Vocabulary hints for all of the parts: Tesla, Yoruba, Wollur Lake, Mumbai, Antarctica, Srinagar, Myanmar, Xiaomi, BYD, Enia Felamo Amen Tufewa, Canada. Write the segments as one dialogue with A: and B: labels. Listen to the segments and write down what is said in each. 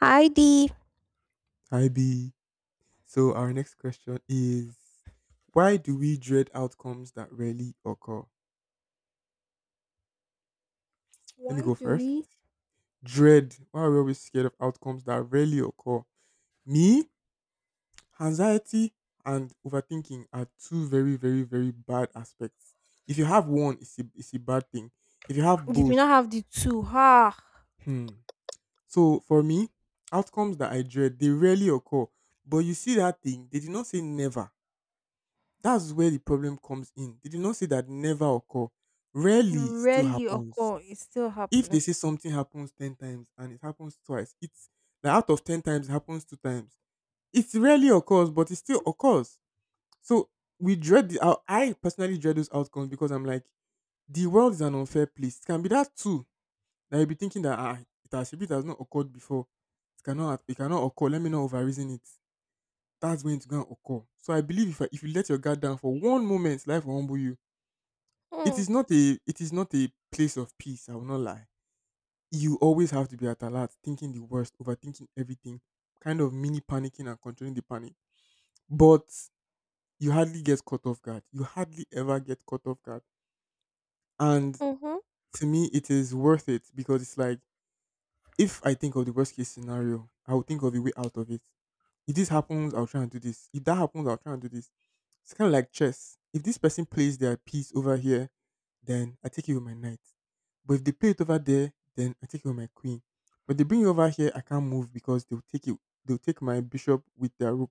A: Heidi,
B: Hi B. So our next question is why do we dread outcomes that rarely occur? Let me
A: why
B: go
A: do
B: first.
A: we?
B: Dread. Why are we always scared of outcomes that rarely occur? Me, anxiety and overthinking are two very, very, very bad aspects. If you have one, it's a bad thing. If you have
A: Did we
B: both.
A: not have the two? Ha!
B: Hmm. So for me, outcomes that I dread, they rarely occur. But you see that thing, they did not say never. That's where the problem comes in. They did not say that never occur. Rarely still
A: Rarely
B: happens.
A: occur. It still
B: If
A: happens.
B: they say something happens 10 times and it happens twice, it's like out of 10 times, it happens two times. It rarely occurs, but it still occurs. So we dread I personally dread those outcomes because I'm like, the world is an unfair place. It can be that too, that you'll be thinking that if it has not occurred before, it cannot occur. Let me not overreason it. That's when it's going to occur. So I believe if you let your guard down for one moment, life will humble you. It
A: Mm,
B: is not a it is not a place of peace, I will not lie. You always have to be at alert, thinking the worst, overthinking everything, kind of mini panicking and controlling the panic. But you hardly get caught off guard. You hardly ever get caught off guard. And
A: mm-hmm.
B: to me it is worth it because it's like if I think of the worst case scenario, I will think of a way out of it. If this happens, I'll try and do this. If that happens, I'll try and do this. It's kind of like chess. If this person plays their piece over here, then I take it with my knight. But if they play it over there, then I take it with my queen. But they bring it over here, I can't move because they'll take it. They'll take my bishop with their rook,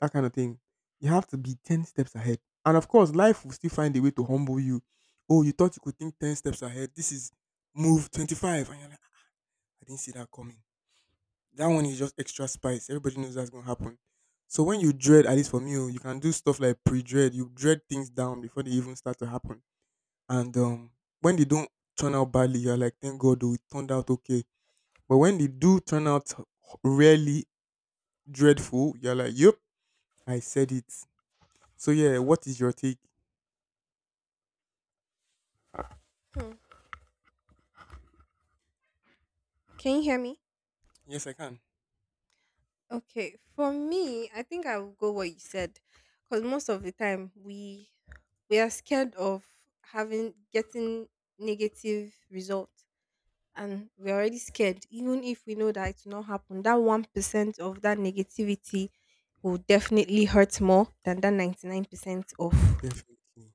B: that kind of thing. You have to be ten steps ahead, and of course, life will still find a way to humble you. Oh, you thought you could think ten steps ahead. This is move 25, and you're like, "Ah, I didn't see that coming. That one is just extra spice." Everybody knows that's gonna happen. So when you dread, at least for me, oh, you can do stuff like pre-dread. You dread things down before they even start to happen. And when they don't turn out badly, you're like, thank God, oh, it turned out okay. But when they do turn out really dreadful, you're like, yep, I said it. So yeah, what is your take?
A: Hmm. Can you hear me?
B: Yes, I can.
A: Okay. For me, I think I will go what you said, because most of the time we are scared of having getting negative results, and we're already scared, even if we know that it will not happen. That 1% of that negativity will definitely hurt more than that 99% of
B: Definitely.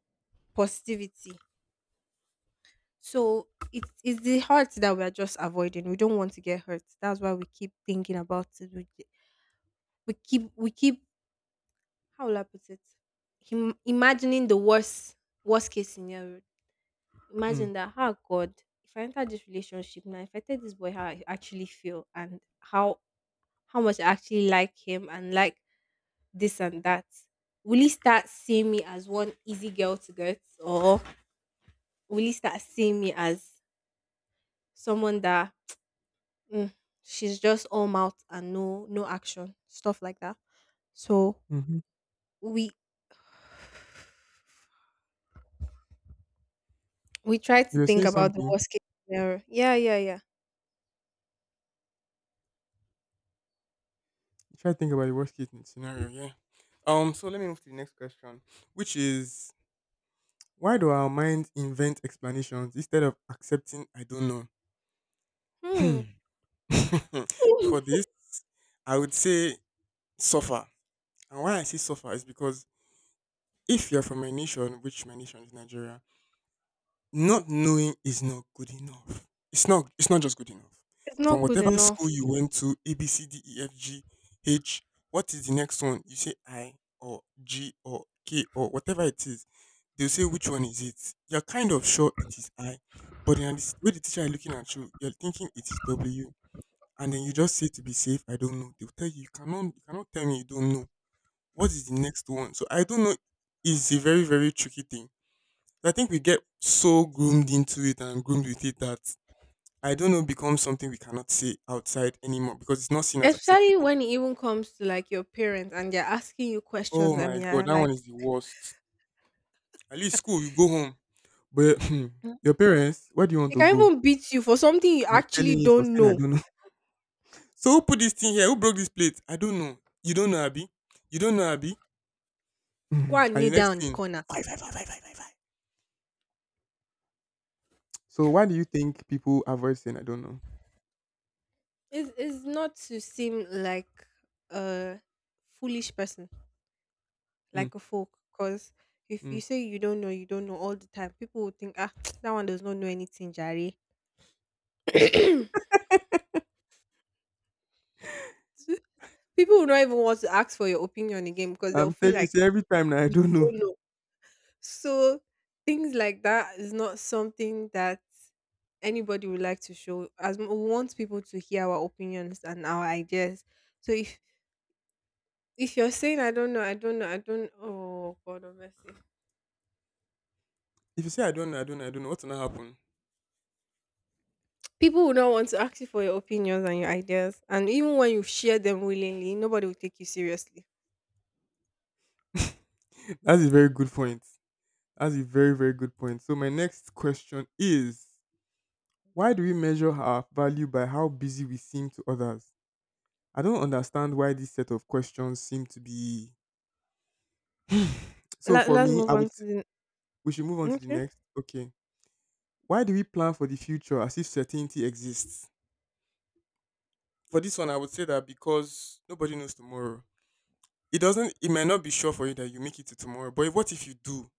A: positivity. So it is the hurt that we are just avoiding. We don't want to get hurt. That's why we keep thinking about it. We keep how will I put it? Imagining the worst case scenario.
B: Hmm.
A: Imagine that. Oh God, if I enter this relationship now, if I tell this boy how I actually feel and how much I actually like him and like this and that, will he start seeing me as one easy girl to get, or will he start seeing me as someone that mm, she's just all mouth and no action, stuff like that. So
B: Mm-hmm.
A: we we try
B: You
A: to
B: were
A: think
B: saying
A: about the
B: something.
A: worst case scenario. Yeah, yeah, yeah.
B: Try to think about the worst case scenario. Yeah. So let me move to the next question, which is: why do our minds invent explanations instead of accepting I don't know? Hmm.
A: Hmm.
B: For
A: Mm,
B: this, I would say suffer. And why I say suffer is because if you're from a nation, which my nation is Nigeria, not knowing is not good enough. It's not just good enough.
A: it's
B: From
A: not good
B: whatever
A: enough,
B: school you went to, A B C D E F G H, what is the next one? You say I or G or K or whatever it is. They'll say, which one is it? You're kind of sure it is I, but then the way the teacher is looking at you, you're thinking it is W. And then you just say, to be safe, I don't know. They'll tell you, you cannot tell me you don't know. What is the next one? So I don't know is a very, very tricky thing. I think we get so groomed into it and groomed with it that I don't know becomes something we cannot say outside anymore because it's not seen as
A: especially
B: acceptable.
A: when it even comes to like your parents and they're asking you
B: Oh
A: questions
B: my
A: and
B: god,
A: yeah,
B: that one
A: like.
B: is the worst. At least school, you go home. But
A: Mm.
B: your parents, where do you want
A: They
B: to
A: can
B: go?
A: even beat you for something you
B: I'm
A: actually
B: telling you, for
A: don't
B: saying I
A: know.
B: don't know. So who put this thing here? Who broke this plate? I don't know. You don't know, Abby. You don't know, Abby.
A: Go
B: Mhm.
A: and
B: And the
A: kneel
B: next
A: down in the
B: thing,
A: corner.
B: five, five, five, five, five, five, five. So why do you think people avoid saying I don't know?
A: It's not to seem like a foolish person,
B: Mm,
A: like a fork, because if you
B: mm.
A: say you don't know, you don't know all the time, people will think, ah, that one does not know anything jare. People will not even want to ask for your opinion again because they'll
B: I'm
A: feel
B: telling you,
A: like,
B: say every time now I don't
A: oh
B: know.
A: no. So things like that is not something that anybody would like to show, as we want people to hear our opinions and our ideas. So if you're saying I don't know, I don't know, I don't, oh God of mercy.
B: If you say I don't know, I don't know, I don't know, what's gonna happen?
A: People will not want to ask you for your opinions and your ideas, and even when you share them willingly, nobody will take you seriously.
B: That's a very good point. That's a very, very good point. So my next question is, why do we measure our value by how busy we seem to others? I don't understand why this set of questions seem to be so
A: Let,
B: for
A: let's
B: me,
A: move on to the.
B: we should move on to the
A: Okay.
B: next. Okay. Why do we plan for the future as if certainty exists? For this one, I would say that because nobody knows tomorrow. It might not be sure for you that you make it to tomorrow. But what if you do?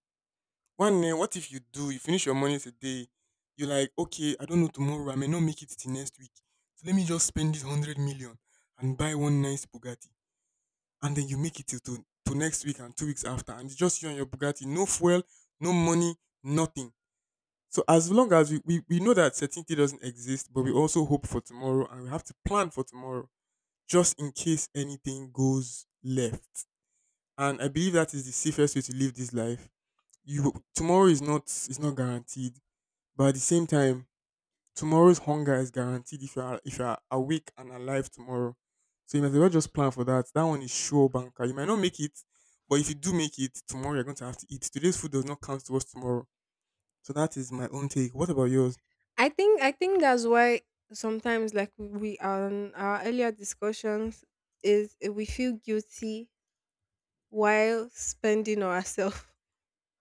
B: One day, what if you do? You finish your money today, you're like, okay, I don't know tomorrow, I may not make it to next week. So let me just spend this 100 million and buy one nice Bugatti. And then you make it till to next week and 2 weeks after. And it's just you and your Bugatti. No fuel, no money, nothing. So as long as we know that certainty doesn't exist, but we also hope for tomorrow and we have to plan for tomorrow just in case anything goes left. And I believe that is the safest way to live this life. You Tomorrow is not guaranteed, but at the same time, tomorrow's hunger is guaranteed if you are awake and alive tomorrow. So you might as well just plan for that. That one is sure banker. You might not make it, but if you do make it, tomorrow you're going to have to eat. Today's food does not count towards tomorrow. So that is my own take. What about yours?
A: I think that's why sometimes, like we, on our earlier discussions, is we feel guilty while spending on ourselves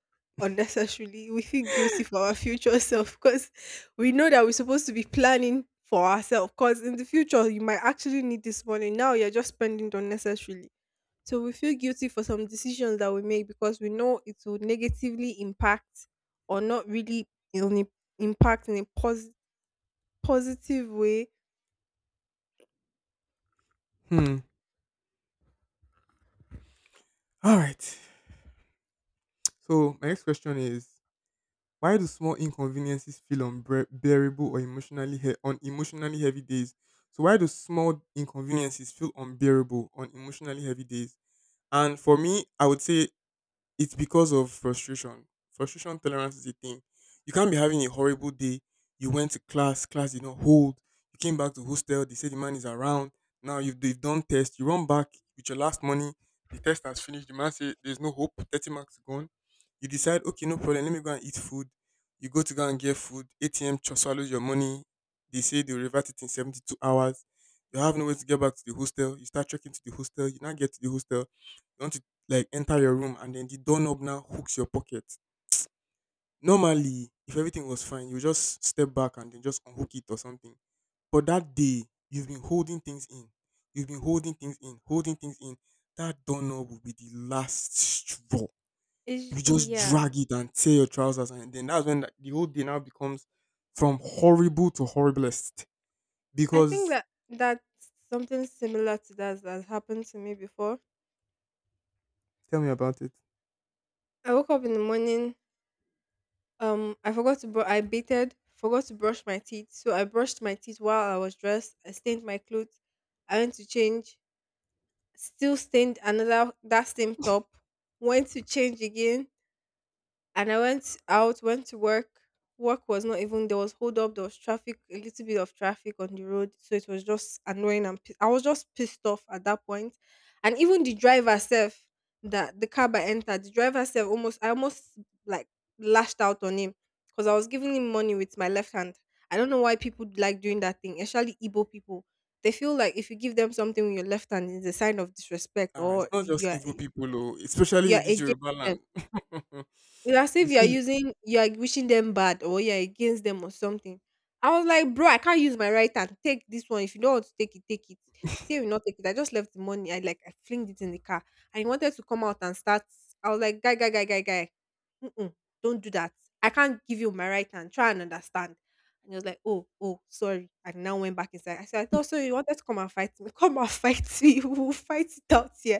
A: unnecessarily. We feel guilty for our future self because we know that we're supposed to be planning for ourselves. Because in the future you might actually need this money. Now you're just spending it unnecessarily. So we feel guilty for some decisions that we make because we know it will negatively impact, or not really impact in a positive way.
B: Hmm. All right. So my next question is, why do small inconveniences feel unbearable or on emotionally heavy days? So why do small inconveniences feel unbearable on emotionally heavy days? And for me, I would say it's because of frustration. Frustration tolerance is a thing. You can't be having a horrible day. You went to class, class did not hold. You came back to hostel, they said the man is around. Now they've done test. You run back with your last money. The test has finished. The man says there's no hope. 30 marks gone. You decide, okay, no problem. Let me go and eat food. You go and get food. ATM swallows your money. They say they'll revert it in 72 hours. You have no way to get back to the hostel. You start checking to the hostel. You now get to the hostel. You want like enter your room and then the doorknob now hooks your pocket. Normally, if everything was fine, you just step back and then just unhook it or something. But that day, you've been holding things in. You've been holding things in, holding things in. That doorknob will be the last straw.
A: Is,
B: You just
A: yeah.
B: drag it and tear your trousers, and then that's when the whole day now becomes from horrible to horriblest.
A: I think
B: Because.
A: that that's something similar to that that happened to me before.
B: Tell me about it.
A: I woke up in the morning. I forgot to I bathed, forgot to brush my teeth, so I brushed my teeth while I was dressed. I stained my clothes. I went to change, still stained another, that same top. Went to change again and I went out, went to work. Work was not even, there was hold up, there was traffic, a little bit of traffic on the road, so it was just annoying and I was just pissed off at that point. And even the driver self, that the cab I entered, the driver self, almost I almost like lashed out on him because I was giving him money with my left hand. I don't know why people like doing that thing, especially Igbo people. They feel like if you give them something with your left hand, it's a sign of disrespect
B: Ah, it's
A: or
B: not just evil people, oh, especially in
A: you're
B: this
A: against
B: Yoruba
A: them.
B: land.
A: It's as
B: They
A: if you are
B: say.
A: using, you are wishing them bad or you're against them or something. I was like, bro, I can't use my right hand. Take this one. If you don't want to take it, take it. He said, will not take it. I just left the money. I like, I flinged it in the car. And he wanted to come out and start. I was like, guy, guy, guy, guy, guy. "Mm-mm, don't do that. I can't give you my right hand. Try and understand." And he was like, "Oh, oh, sorry." And now went back inside. I said, "I thought so. You wanted to come and fight me? Come and fight me. We'll fight it out here."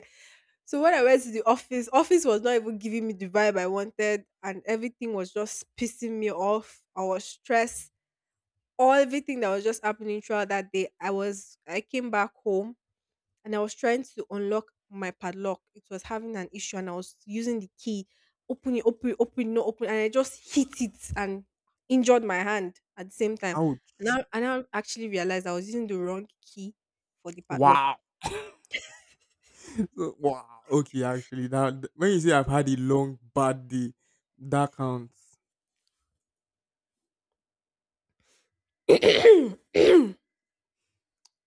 A: So when I went to the office, office was not even giving me the vibe I wanted, and everything was just pissing me off. I was stressed. All everything that was just happening throughout that day, I was, I came back home and I was trying to unlock my padlock. It was having an issue, and I was using the key, open it, open it, open it, no open, and I just hit it and injured my hand at the same time.
B: Ouch.
A: And I actually realized I was using the wrong key for the padlock.
B: Wow. So, wow. Okay, actually, now when you say I've had a long bad day, that counts.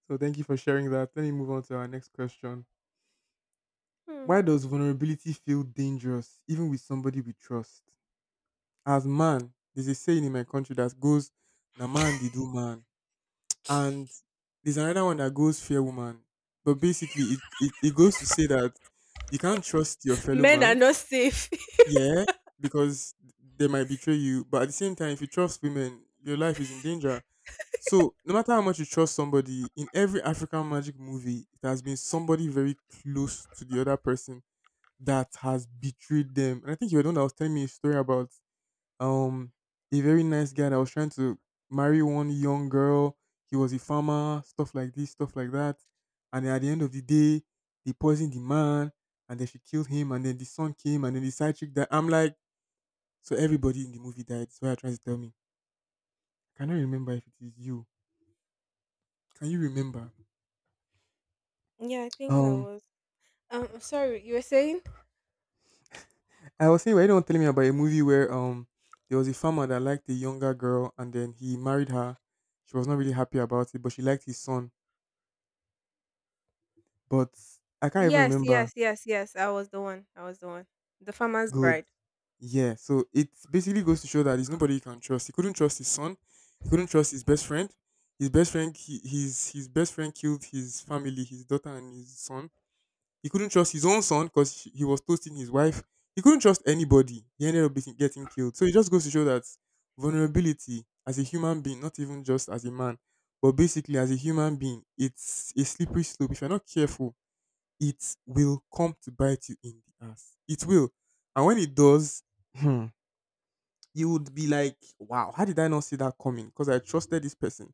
B: So thank you for sharing that. Let me move on to our next question.
A: Hmm.
B: Why does vulnerability feel dangerous, even with somebody we trust? As man, there's a saying in my country that goes, "Na man they do man," and there's another one that goes, "Fear woman." But basically, it goes to say that you can't trust your fellow
A: Men are
B: man,
A: not safe.
B: yeah, because they might betray you. But at the same time, if you trust women, your life is in danger. So no matter how much you trust somebody, in every African magic movie, it has been somebody very close to the other person that has betrayed them. And I think you were the one that was telling me a story about um a very nice guy that was trying to marry one young girl. He was a farmer, stuff like this, stuff like that. And then at the end of the day, they poisoned the man, and then she killed him, and then the son came, and then the side chick died. I'm like, so everybody in the movie died. That's what you're trying to tell me. I cannot remember if it is you. Can you remember?
A: Yeah, I think I
B: Um,
A: was. Sorry, you were saying?
B: I was saying, were you the one telling me about a movie where there was a farmer that liked a younger girl and then he married her. She was not really happy about it, but she liked his son. But I can't even
A: Yes,
B: remember.
A: yes, yes, yes. I was the one. I was the one. The farmer's
B: Good.
A: bride.
B: Yeah. So it basically goes to show that there's nobody you can trust. He couldn't trust his son. He couldn't trust his best friend. His best friend, he, his best friend killed his family, his daughter and his son. He couldn't trust his own son because he was toasting his wife. He couldn't trust anybody. He ended up getting killed. So it just goes to show that vulnerability as a human being, not even just as a man, but basically as a human being, it's a slippery slope. If you're not careful, it will come to bite you in the ass. It will. And when it does, hmm, you would be like, wow, how did I not see that coming? Because I trusted this person.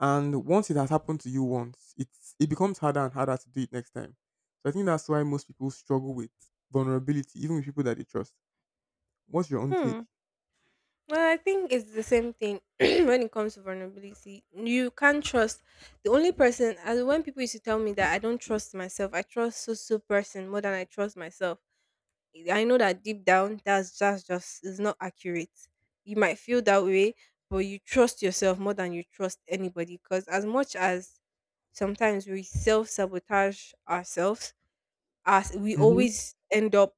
B: And once it has happened to you once, it becomes harder and harder to do it next time. So I think that's why most people struggle with vulnerability, even with people that they trust. What's your own take?
A: Hmm. Well, I think it's the same thing when it comes to vulnerability. You can't trust the only person. As when people used to tell me that I don't trust myself, I trust so so person more than I trust myself. I know that deep down, that's just is not accurate. You might feel that way, but you trust yourself more than you trust anybody. Because as much as sometimes we self sabotage ourselves, as we
B: Mm-hmm.
A: always end up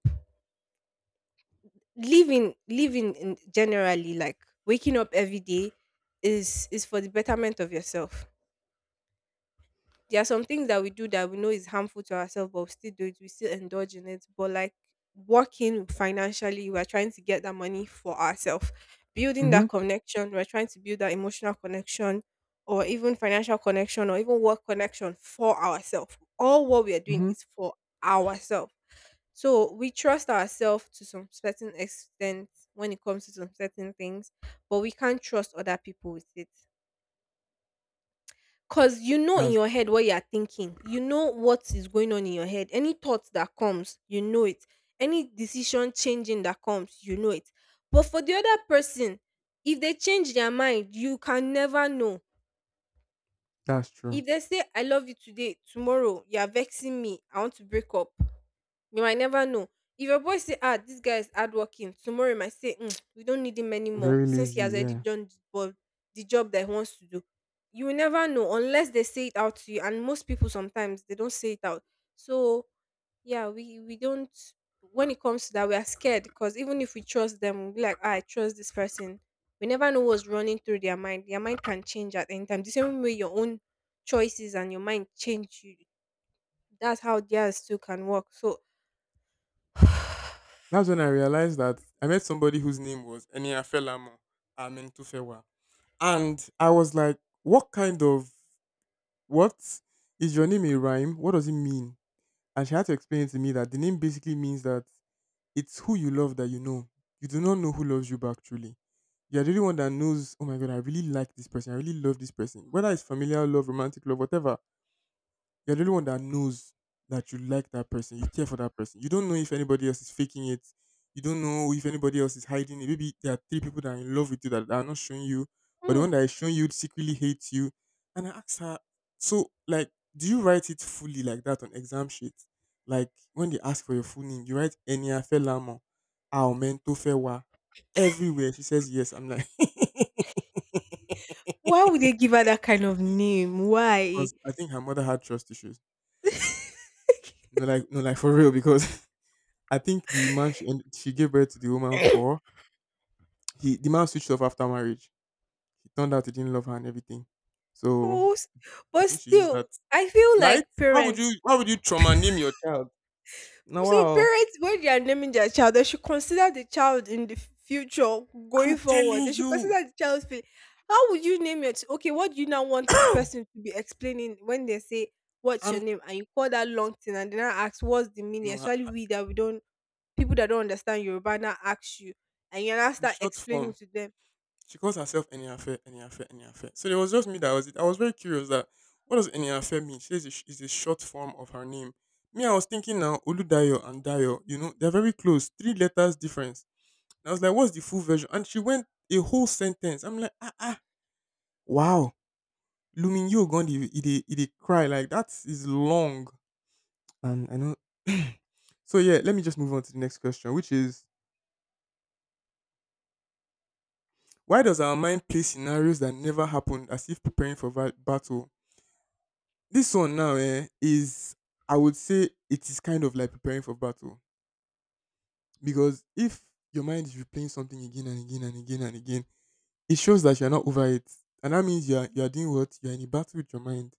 A: living in generally like, waking up every day is for the betterment of yourself. There are some things that we do that we know is harmful to ourselves, but we still do it. We still indulge in it. But like, working financially, we're trying to get that money for ourselves, building
B: Mm-hmm.
A: that connection. We're trying to build that emotional connection, or even financial connection, or even work connection for ourselves. All what we are doing
B: Mm-hmm.
A: is for ourselves. So we trust ourselves to some certain extent when it comes to some certain things, but we can't trust other people with it. Cause you know in
B: That's
A: your head what you are thinking. You know what is going on in your head. Any thought that comes, you know it. Any decision changing that comes, you know it. But for the other person, if they change their mind, you can never know.
B: that's true.
A: If they say I love you today, tomorrow you are vexing me, I want to break up. You might never know. If your boy say, ah, this guy is hardworking, tomorrow you might say, mm, we don't need him anymore
B: Very
A: since he
B: lazy,
A: has already
B: yeah.
A: done the job, the job that he wants to do. You will never know unless they say it out to you. And most people sometimes they don't say it out. So yeah, we don't, when it comes to that we are scared because even if we trust them we'll be like, ah, I trust this person. We never know what's running through their mind. Their mind can change at any time, the same way your own choices and your mind change, you, that's how theirs too can work. So
B: That's when I realized that I met somebody whose name was Enia Felamo Amen Tufewa. And I was like, what kind of what is your name a rhyme? What does it mean? And she had to explain to me that the name basically means that it's who you love that you know. You do not know who loves you back truly. You're the only one that knows, oh my god, I really like this person. I really love this person. Whether it's familial love, romantic love, whatever, you're the only one that knows that you like that person, you care for that person. You don't know if anybody else is faking it. You don't know if anybody else is hiding it. Maybe there are three people that are in love with you that are not showing you, but the
A: mm,
B: one that is showing you secretly hates you. And I asked her, so like, do you write it fully like that on exam sheets? Like when they ask for your full name, you write Enya Felamo, Aumento Fewa, everywhere. She says yes. I'm like, because
A: why would they give her that kind of name, why.
B: I think her mother had trust issues. No, like no, like for real, because I think the man she end, she gave birth to the woman for, he the man switched off after marriage. He turned out he didn't love her and everything. So
A: Oh,
B: I
A: but
B: think she used that.
A: still, I feel
B: Right?
A: like parents.
B: Why would you trauma name your child? No,
A: So
B: wow.
A: parents, when they are naming their child, they should consider the child in the future
B: I'm
A: going forward.
B: telling
A: They should
B: you.
A: consider the child's feeling. How would you name it? Okay, what do you now want the person to be explaining when they say what's your
B: I'm
A: name and you call that long thing and then I ask what's the meaning?
B: No,
A: Especially
B: ah,
A: we that we don't, people that don't understand Yoruba, now ask you and you now
B: the
A: start
B: short
A: explaining
B: form.
A: to them.
B: She calls herself any affair, any affair, any affair. So it was just me that was it. I was very curious that what does any affair mean? She says it's a short form of her name. Me, I was thinking now, Oludayo and Dayo, you know, they're very close. Three letters difference. I was like, what's the full version? And she went a whole sentence. I'm like, ah, ah, wow. Lumin Yogon, it a cry. Like, that is long. And I know. So, yeah, let me just move on to the next question, which is why does our mind play scenarios that never happened as if preparing for battle? This one now eh, is, I would say, it is kind of like preparing for battle. Because if your mind is replaying something again and again and again and again, it shows that you're not over it. And that means you're doing what? You're in a battle with your mind,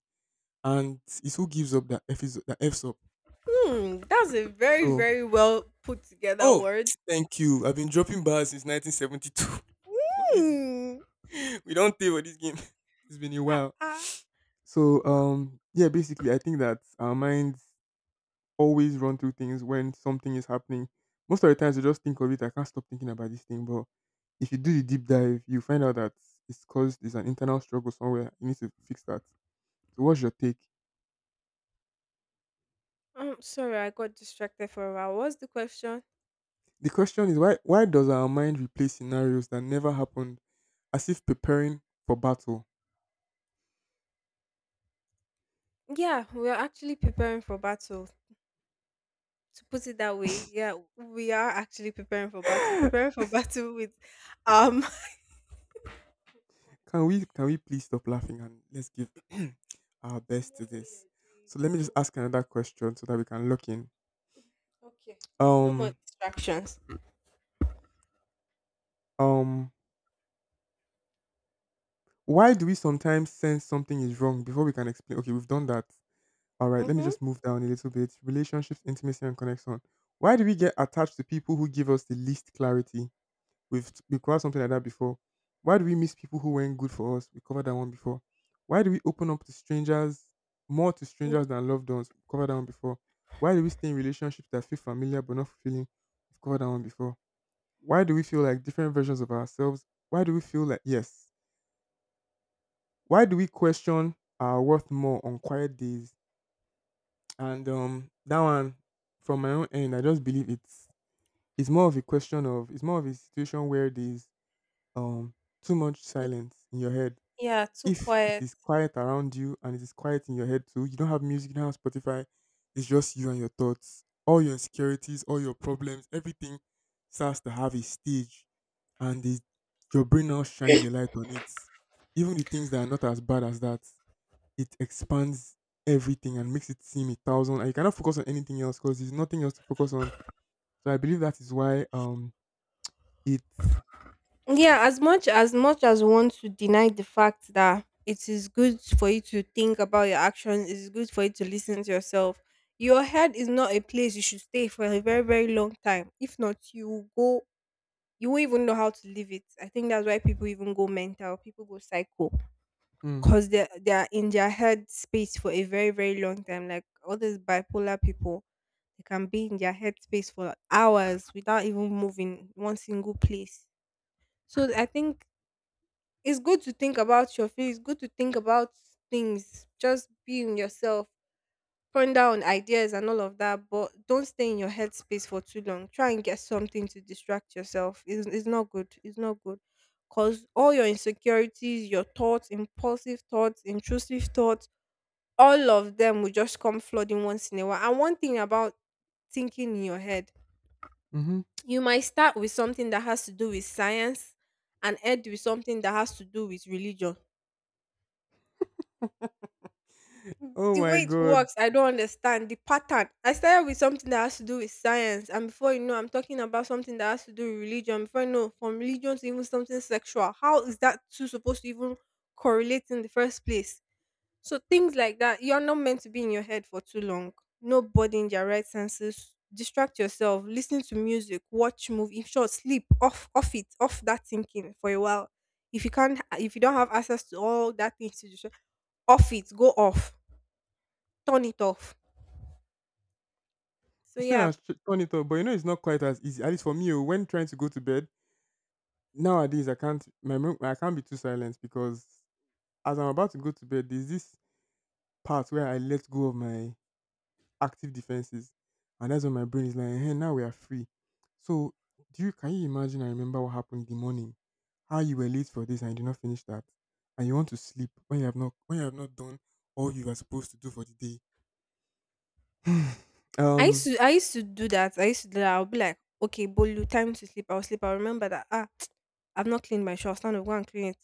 B: and it's who gives up that F is that F's up.
A: Hmm, that's a very,
B: So
A: very well put together
B: oh,
A: word.
B: thank you. I've been dropping bars since 1972. It's not easy.
A: Hmm.
B: We don't pay for this game. It's been a
A: Ah,
B: while.
A: ah.
B: So yeah, basically I think that our minds always run through things when something is happening. Most of the times you just think of it, I can't stop thinking about this thing. But if you do the deep dive, you find out that it's caused there's an internal struggle somewhere. You need to fix that. So what's your take?
A: I'm sorry, I got distracted for a while. What's the question?
B: The question is why does our mind replay scenarios that never happened as if preparing for battle?
A: Yeah, we are actually preparing for battle. To put it that way, yeah, we are actually preparing for battle.
B: can
A: Preparing for battle with, um,
B: can we please stop laughing and let's give our
A: you
B: best
A: know
B: to
A: what
B: this.
A: you're doing.
B: So let me just
A: Oh,
B: ask another question so that we can lock in.
A: okay. No more
B: Um
A: distractions.
B: um why do we sometimes sense something is wrong before we can explain? Okay, we've done that. All right, let me
A: Mm-hmm.
B: just move down a little bit. Relationships, intimacy, and connection. Why do we get attached to people who give us the least clarity? We covered something like that before. Why do we miss people who weren't good for us? We covered that one before. Why do we open up to strangers more to strangers than loved ones? We covered that one before. Why do we stay in relationships that feel familiar but not fulfilling? We've covered that one before. Why do we feel like different versions of ourselves? Why do we feel like yes? Why do we question our worth more on quiet days? And that one, from my own end, I just believe it's more of a question of it's more of a situation where there's um too much silence in your head.
A: Yeah, too
B: If it
A: quiet.
B: is quiet around you and it is quiet in your head too, you don't have music, you don't have Spotify, it's just you and your thoughts. All your insecurities, all your problems, everything starts to have a stage, and the, your brain now shines a light on it. Even the things that are not as bad as that, it expands everything and makes it seem a thousand. And you cannot focus on anything else because there's nothing else to focus on. So I believe that is why it's
A: Yeah, as much as we want to deny the fact that it is good for you to think about your actions, it is good for you to listen to yourself. Your head is not a place you should stay for a very, very long time. If not, you will go, you won't even know how to leave it. I think that's why people even go mental, people go psycho.
B: mm,
A: Because they are in their head space for a very, very long time. Like all these bipolar people, they can be in their head space for hours without even moving one single place. So I think it's good to think about your feelings. It's good to think about things. Just be in yourself. Ponder on ideas and all of that, but don't stay in your head space for too long. Try and get something to distract yourself. It's not good. It's not good. Because all your insecurities, your thoughts, impulsive thoughts, intrusive thoughts, all of them will just come flooding once in a while. And one thing about thinking in your head,
B: hmm, mm-hmm.
A: you might start with something that has to do with science and end with something that has to do with religion.
B: Oh
A: The
B: my
A: way it
B: god,
A: works, I don't understand the pattern. I started with something that has to do with science, and before you know, I'm talking about something that has to do with religion. Before you know, from religion to even something sexual. How is that two supposed to even correlate in the first place? So things like that, you're not meant to be in your head for too long. Nobody in their right senses. Distract yourself, listen to music, watch movie. In short, sleep off, off it, off that thinking for a while. If you can't, if you don't have access to all that things to distract, off it, go off turn it off. So
B: it's not
A: yeah,
B: as turn it up, but you know it's not quite as easy. At least for me, oh, when trying to go to bed nowadays, I can't. I can't be too silent because as I'm about to go to bed, there's this part where I let go of my active defenses, and that's when my brain is like, "Hey, now we are free." So, do you can you imagine? I remember what happened in the morning, how you were late for this and you did not finish that, and you want to sleep when you have not done all you are supposed to do for the day.
A: I used
B: um.
A: to I used to do that. I used to do that. I'll be like, okay, Bolu, time to sleep. I'll sleep. I'll remember that. Ah, I've not cleaned my shoe. I'll stand up, go and clean it.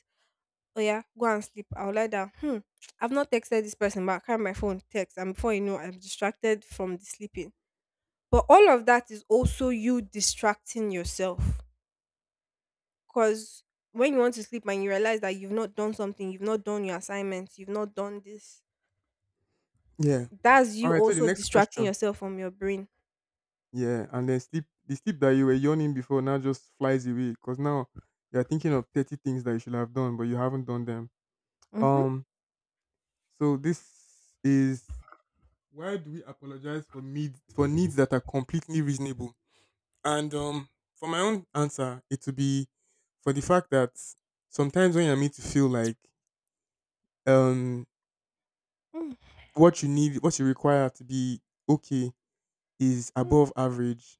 A: Oh yeah, go and sleep. I'll lie down. Hmm. I've not texted this person, but I carry my phone, text, and before you know, I'm distracted from the sleeping. But all of that is also you distracting yourself. Cause when you want to sleep and you realize that you've not done something, you've not done your assignments, you've not done this,
B: Yeah.
A: that's
B: All
A: you
B: right. So the
A: also
B: next
A: distracting
B: question.
A: yourself from your brain.
B: Yeah, and then sleep the sleep that you were yawning before now just flies away because now you're thinking of 30 things that you should have done, but you haven't done them.
A: Mm-hmm.
B: Um, so this is why do we apologize for mid for needs that are completely reasonable? And for my own answer, it would be for the fact that sometimes when you're made to feel like um
A: Mm-hmm.
B: what you need, what you require to be okay is
A: Mm.
B: above average.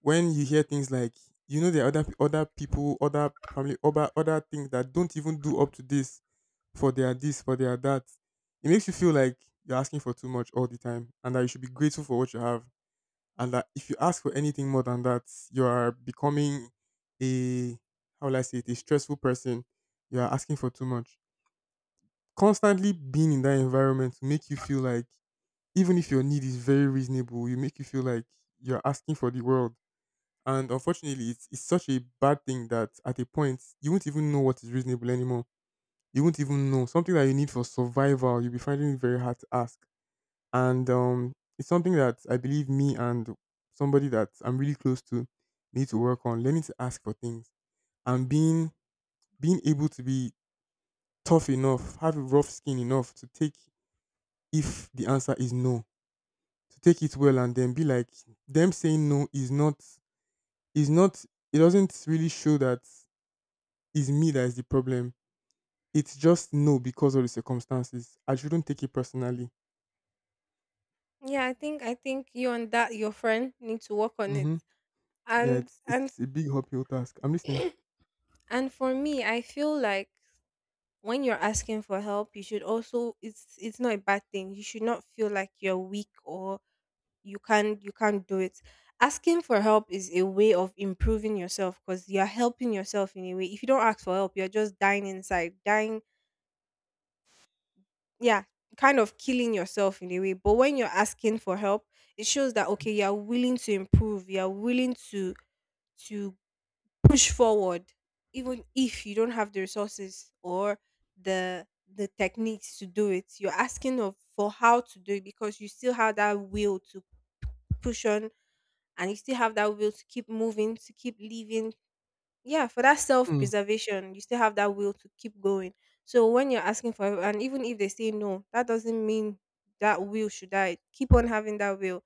B: When you hear things like, you know, there are other other people, other family, other other things that don't even do up to this for their that, it makes you feel like you're asking for too much all the time, and that you should be grateful for what you have, and that if you ask for anything more than that, you are becoming a, how will I say it, a stressful person. You are asking for too much. Constantly being in that environment will make you feel like even if your need is very reasonable, you make you feel like you're asking for the world. And unfortunately, it's such a bad thing that at a point, you won't even know what is reasonable anymore. You won't even know. Something that you need for survival, you'll be finding it very hard to ask. And it's something that I believe me and somebody that I'm really close to need to work on, learning to ask for things and being able to be tough enough, have a rough skin enough to take, if the answer is no, to take it well and then be like, them saying no is not is not, it doesn't really show that is me that is the problem. It's just no because of the circumstances. I shouldn't take it personally.
A: Yeah, I think you and that your friend need to work on it.
B: Hmm. Yeah,
A: And and
B: it's a big uphill task. I'm listening.
A: and for me, I feel like when you're asking for help, you should also, it's not a bad thing. You should not feel like you're weak or you can't do it. Asking for help is a way of improving yourself, because you're helping yourself in a way. If you don't ask for help, you're just dying inside, dying, yeah, kind of killing yourself in a way. But when you're asking for help, it shows that okay, you're willing to improve, you're willing to push forward, even if you don't have the resources or the the techniques to do it. You're asking of for how to do it, because you still have that will to push on, and you still have that will to keep moving, to keep living, yeah, for that
B: Hmm.
A: self-preservation, you still have that will to keep going. So when you're asking for help, and even if they say no, that doesn't mean that will should die. Keep on having that will.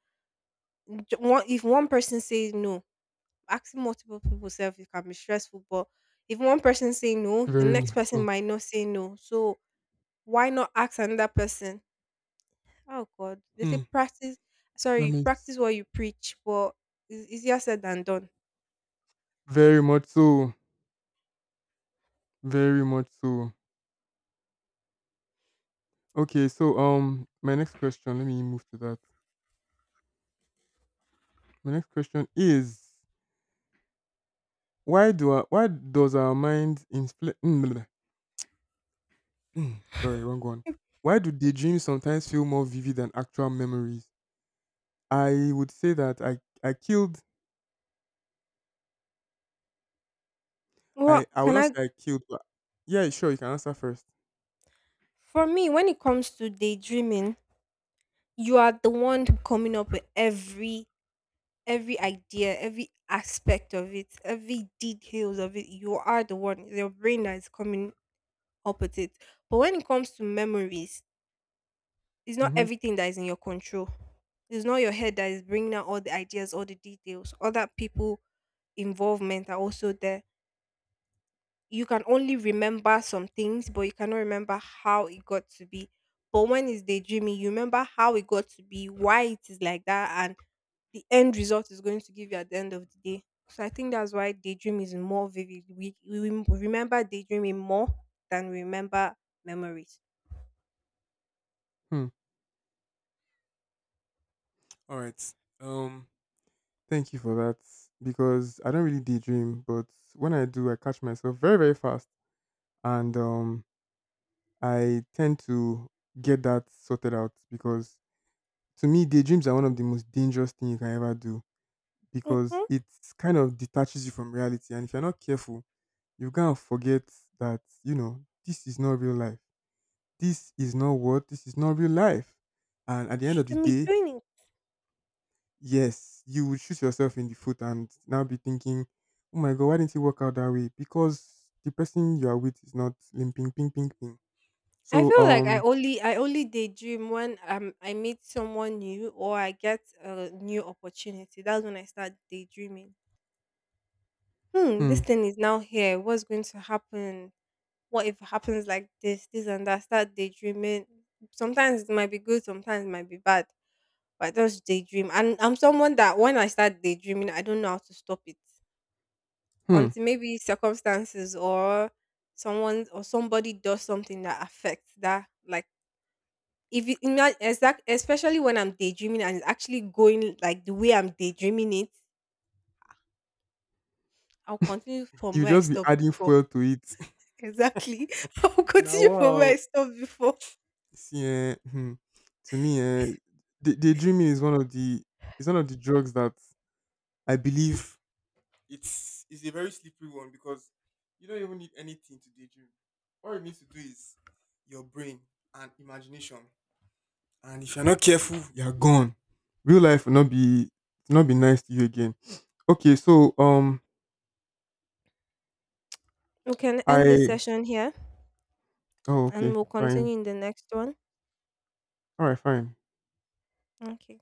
A: If one person says no, asking multiple people self, it can be stressful, but if one person say no, the
B: Very
A: next
B: much
A: person
B: so.
A: might not say no. So why not ask another person? Oh god, they say
B: Hmm.
A: practice,
B: That
A: sorry,
B: makes,
A: practice what you preach, but it's easier said than done.
B: very much so. Very much so. Okay, so my next question. Let me move to that. My next question is why does our mind sorry, wrong one. Why do daydreams sometimes feel more vivid than actual memories? i would say that i i killed
A: Well,
B: I will
A: can
B: not
A: I?
B: say I killed, but yeah, sure, you can answer first.
A: For me, when it comes to daydreaming, you are the one coming up with every idea, every aspect of it, every details of it. You are the one, your brain, that is coming up with it. But when it comes to memories, it's not
B: Mm-hmm.
A: everything that is in your control. It's not your head that is bringing out all the ideas, all the details. Other people involvement are also there. You can only remember some things, but you cannot remember how it got to be. But when it's daydreaming, you remember how it got to be, why it is like that, and the end result is going to give you at the end of the day. So I think that's why daydream is more vivid. We remember daydreaming more than we remember memories.
B: Hmm. All right. Um, Thank you for that because I don't really daydream, but when I do, I catch myself very very fast, and I tend to get that sorted out because to me, daydreams are one of the most dangerous thing you can ever do because
A: Mm-hmm.
B: it kind of detaches you from reality, and if you're not careful, you can forget that you know this is not real life, this is not real life. And at the end of the
A: Shouldn't be
B: day,
A: doing it.
B: yes, you would shoot yourself in the foot and now be thinking, oh my god, why didn't it work out that way? Because the person you are with is not limping, ping, ping, ping.
A: I
B: So
A: feel like I only I only daydream when I meet someone new or I get a new opportunity. That's when I start daydreaming. Hmm, this
B: hmm,
A: thing is now here. What's going to happen? What if it happens like this and that? Start daydreaming. Sometimes it might be good, sometimes it might be bad. But I just daydream, and I'm someone that when I start daydreaming, I don't know how to stop it
B: hmm,
A: until maybe circumstances or someone or somebody does something that affects that. Like if it, ima- exact, especially when I'm daydreaming and it's actually going like the way I'm daydreaming it, I'll continue from
B: you
A: where I
B: just be
A: stopped
B: adding
A: before.
B: fuel to it.
A: Exactly, I'll
B: Now,
A: continue from where
B: wow.
A: I stopped before.
B: See, eh, hmm, to me, daydreaming is one of the is one of the drugs that I believe it's a very slippery one because you don't even need anything to daydream. All you need to do is your brain and imagination. And if you're not careful, you're gone. Real life will not be nice to you again. Okay, so
A: We can end
B: I
A: the session here,
B: oh
A: and
B: okay,
A: we'll
B: fine.
A: continue in the next one.
B: Alright, fine.
A: Okay.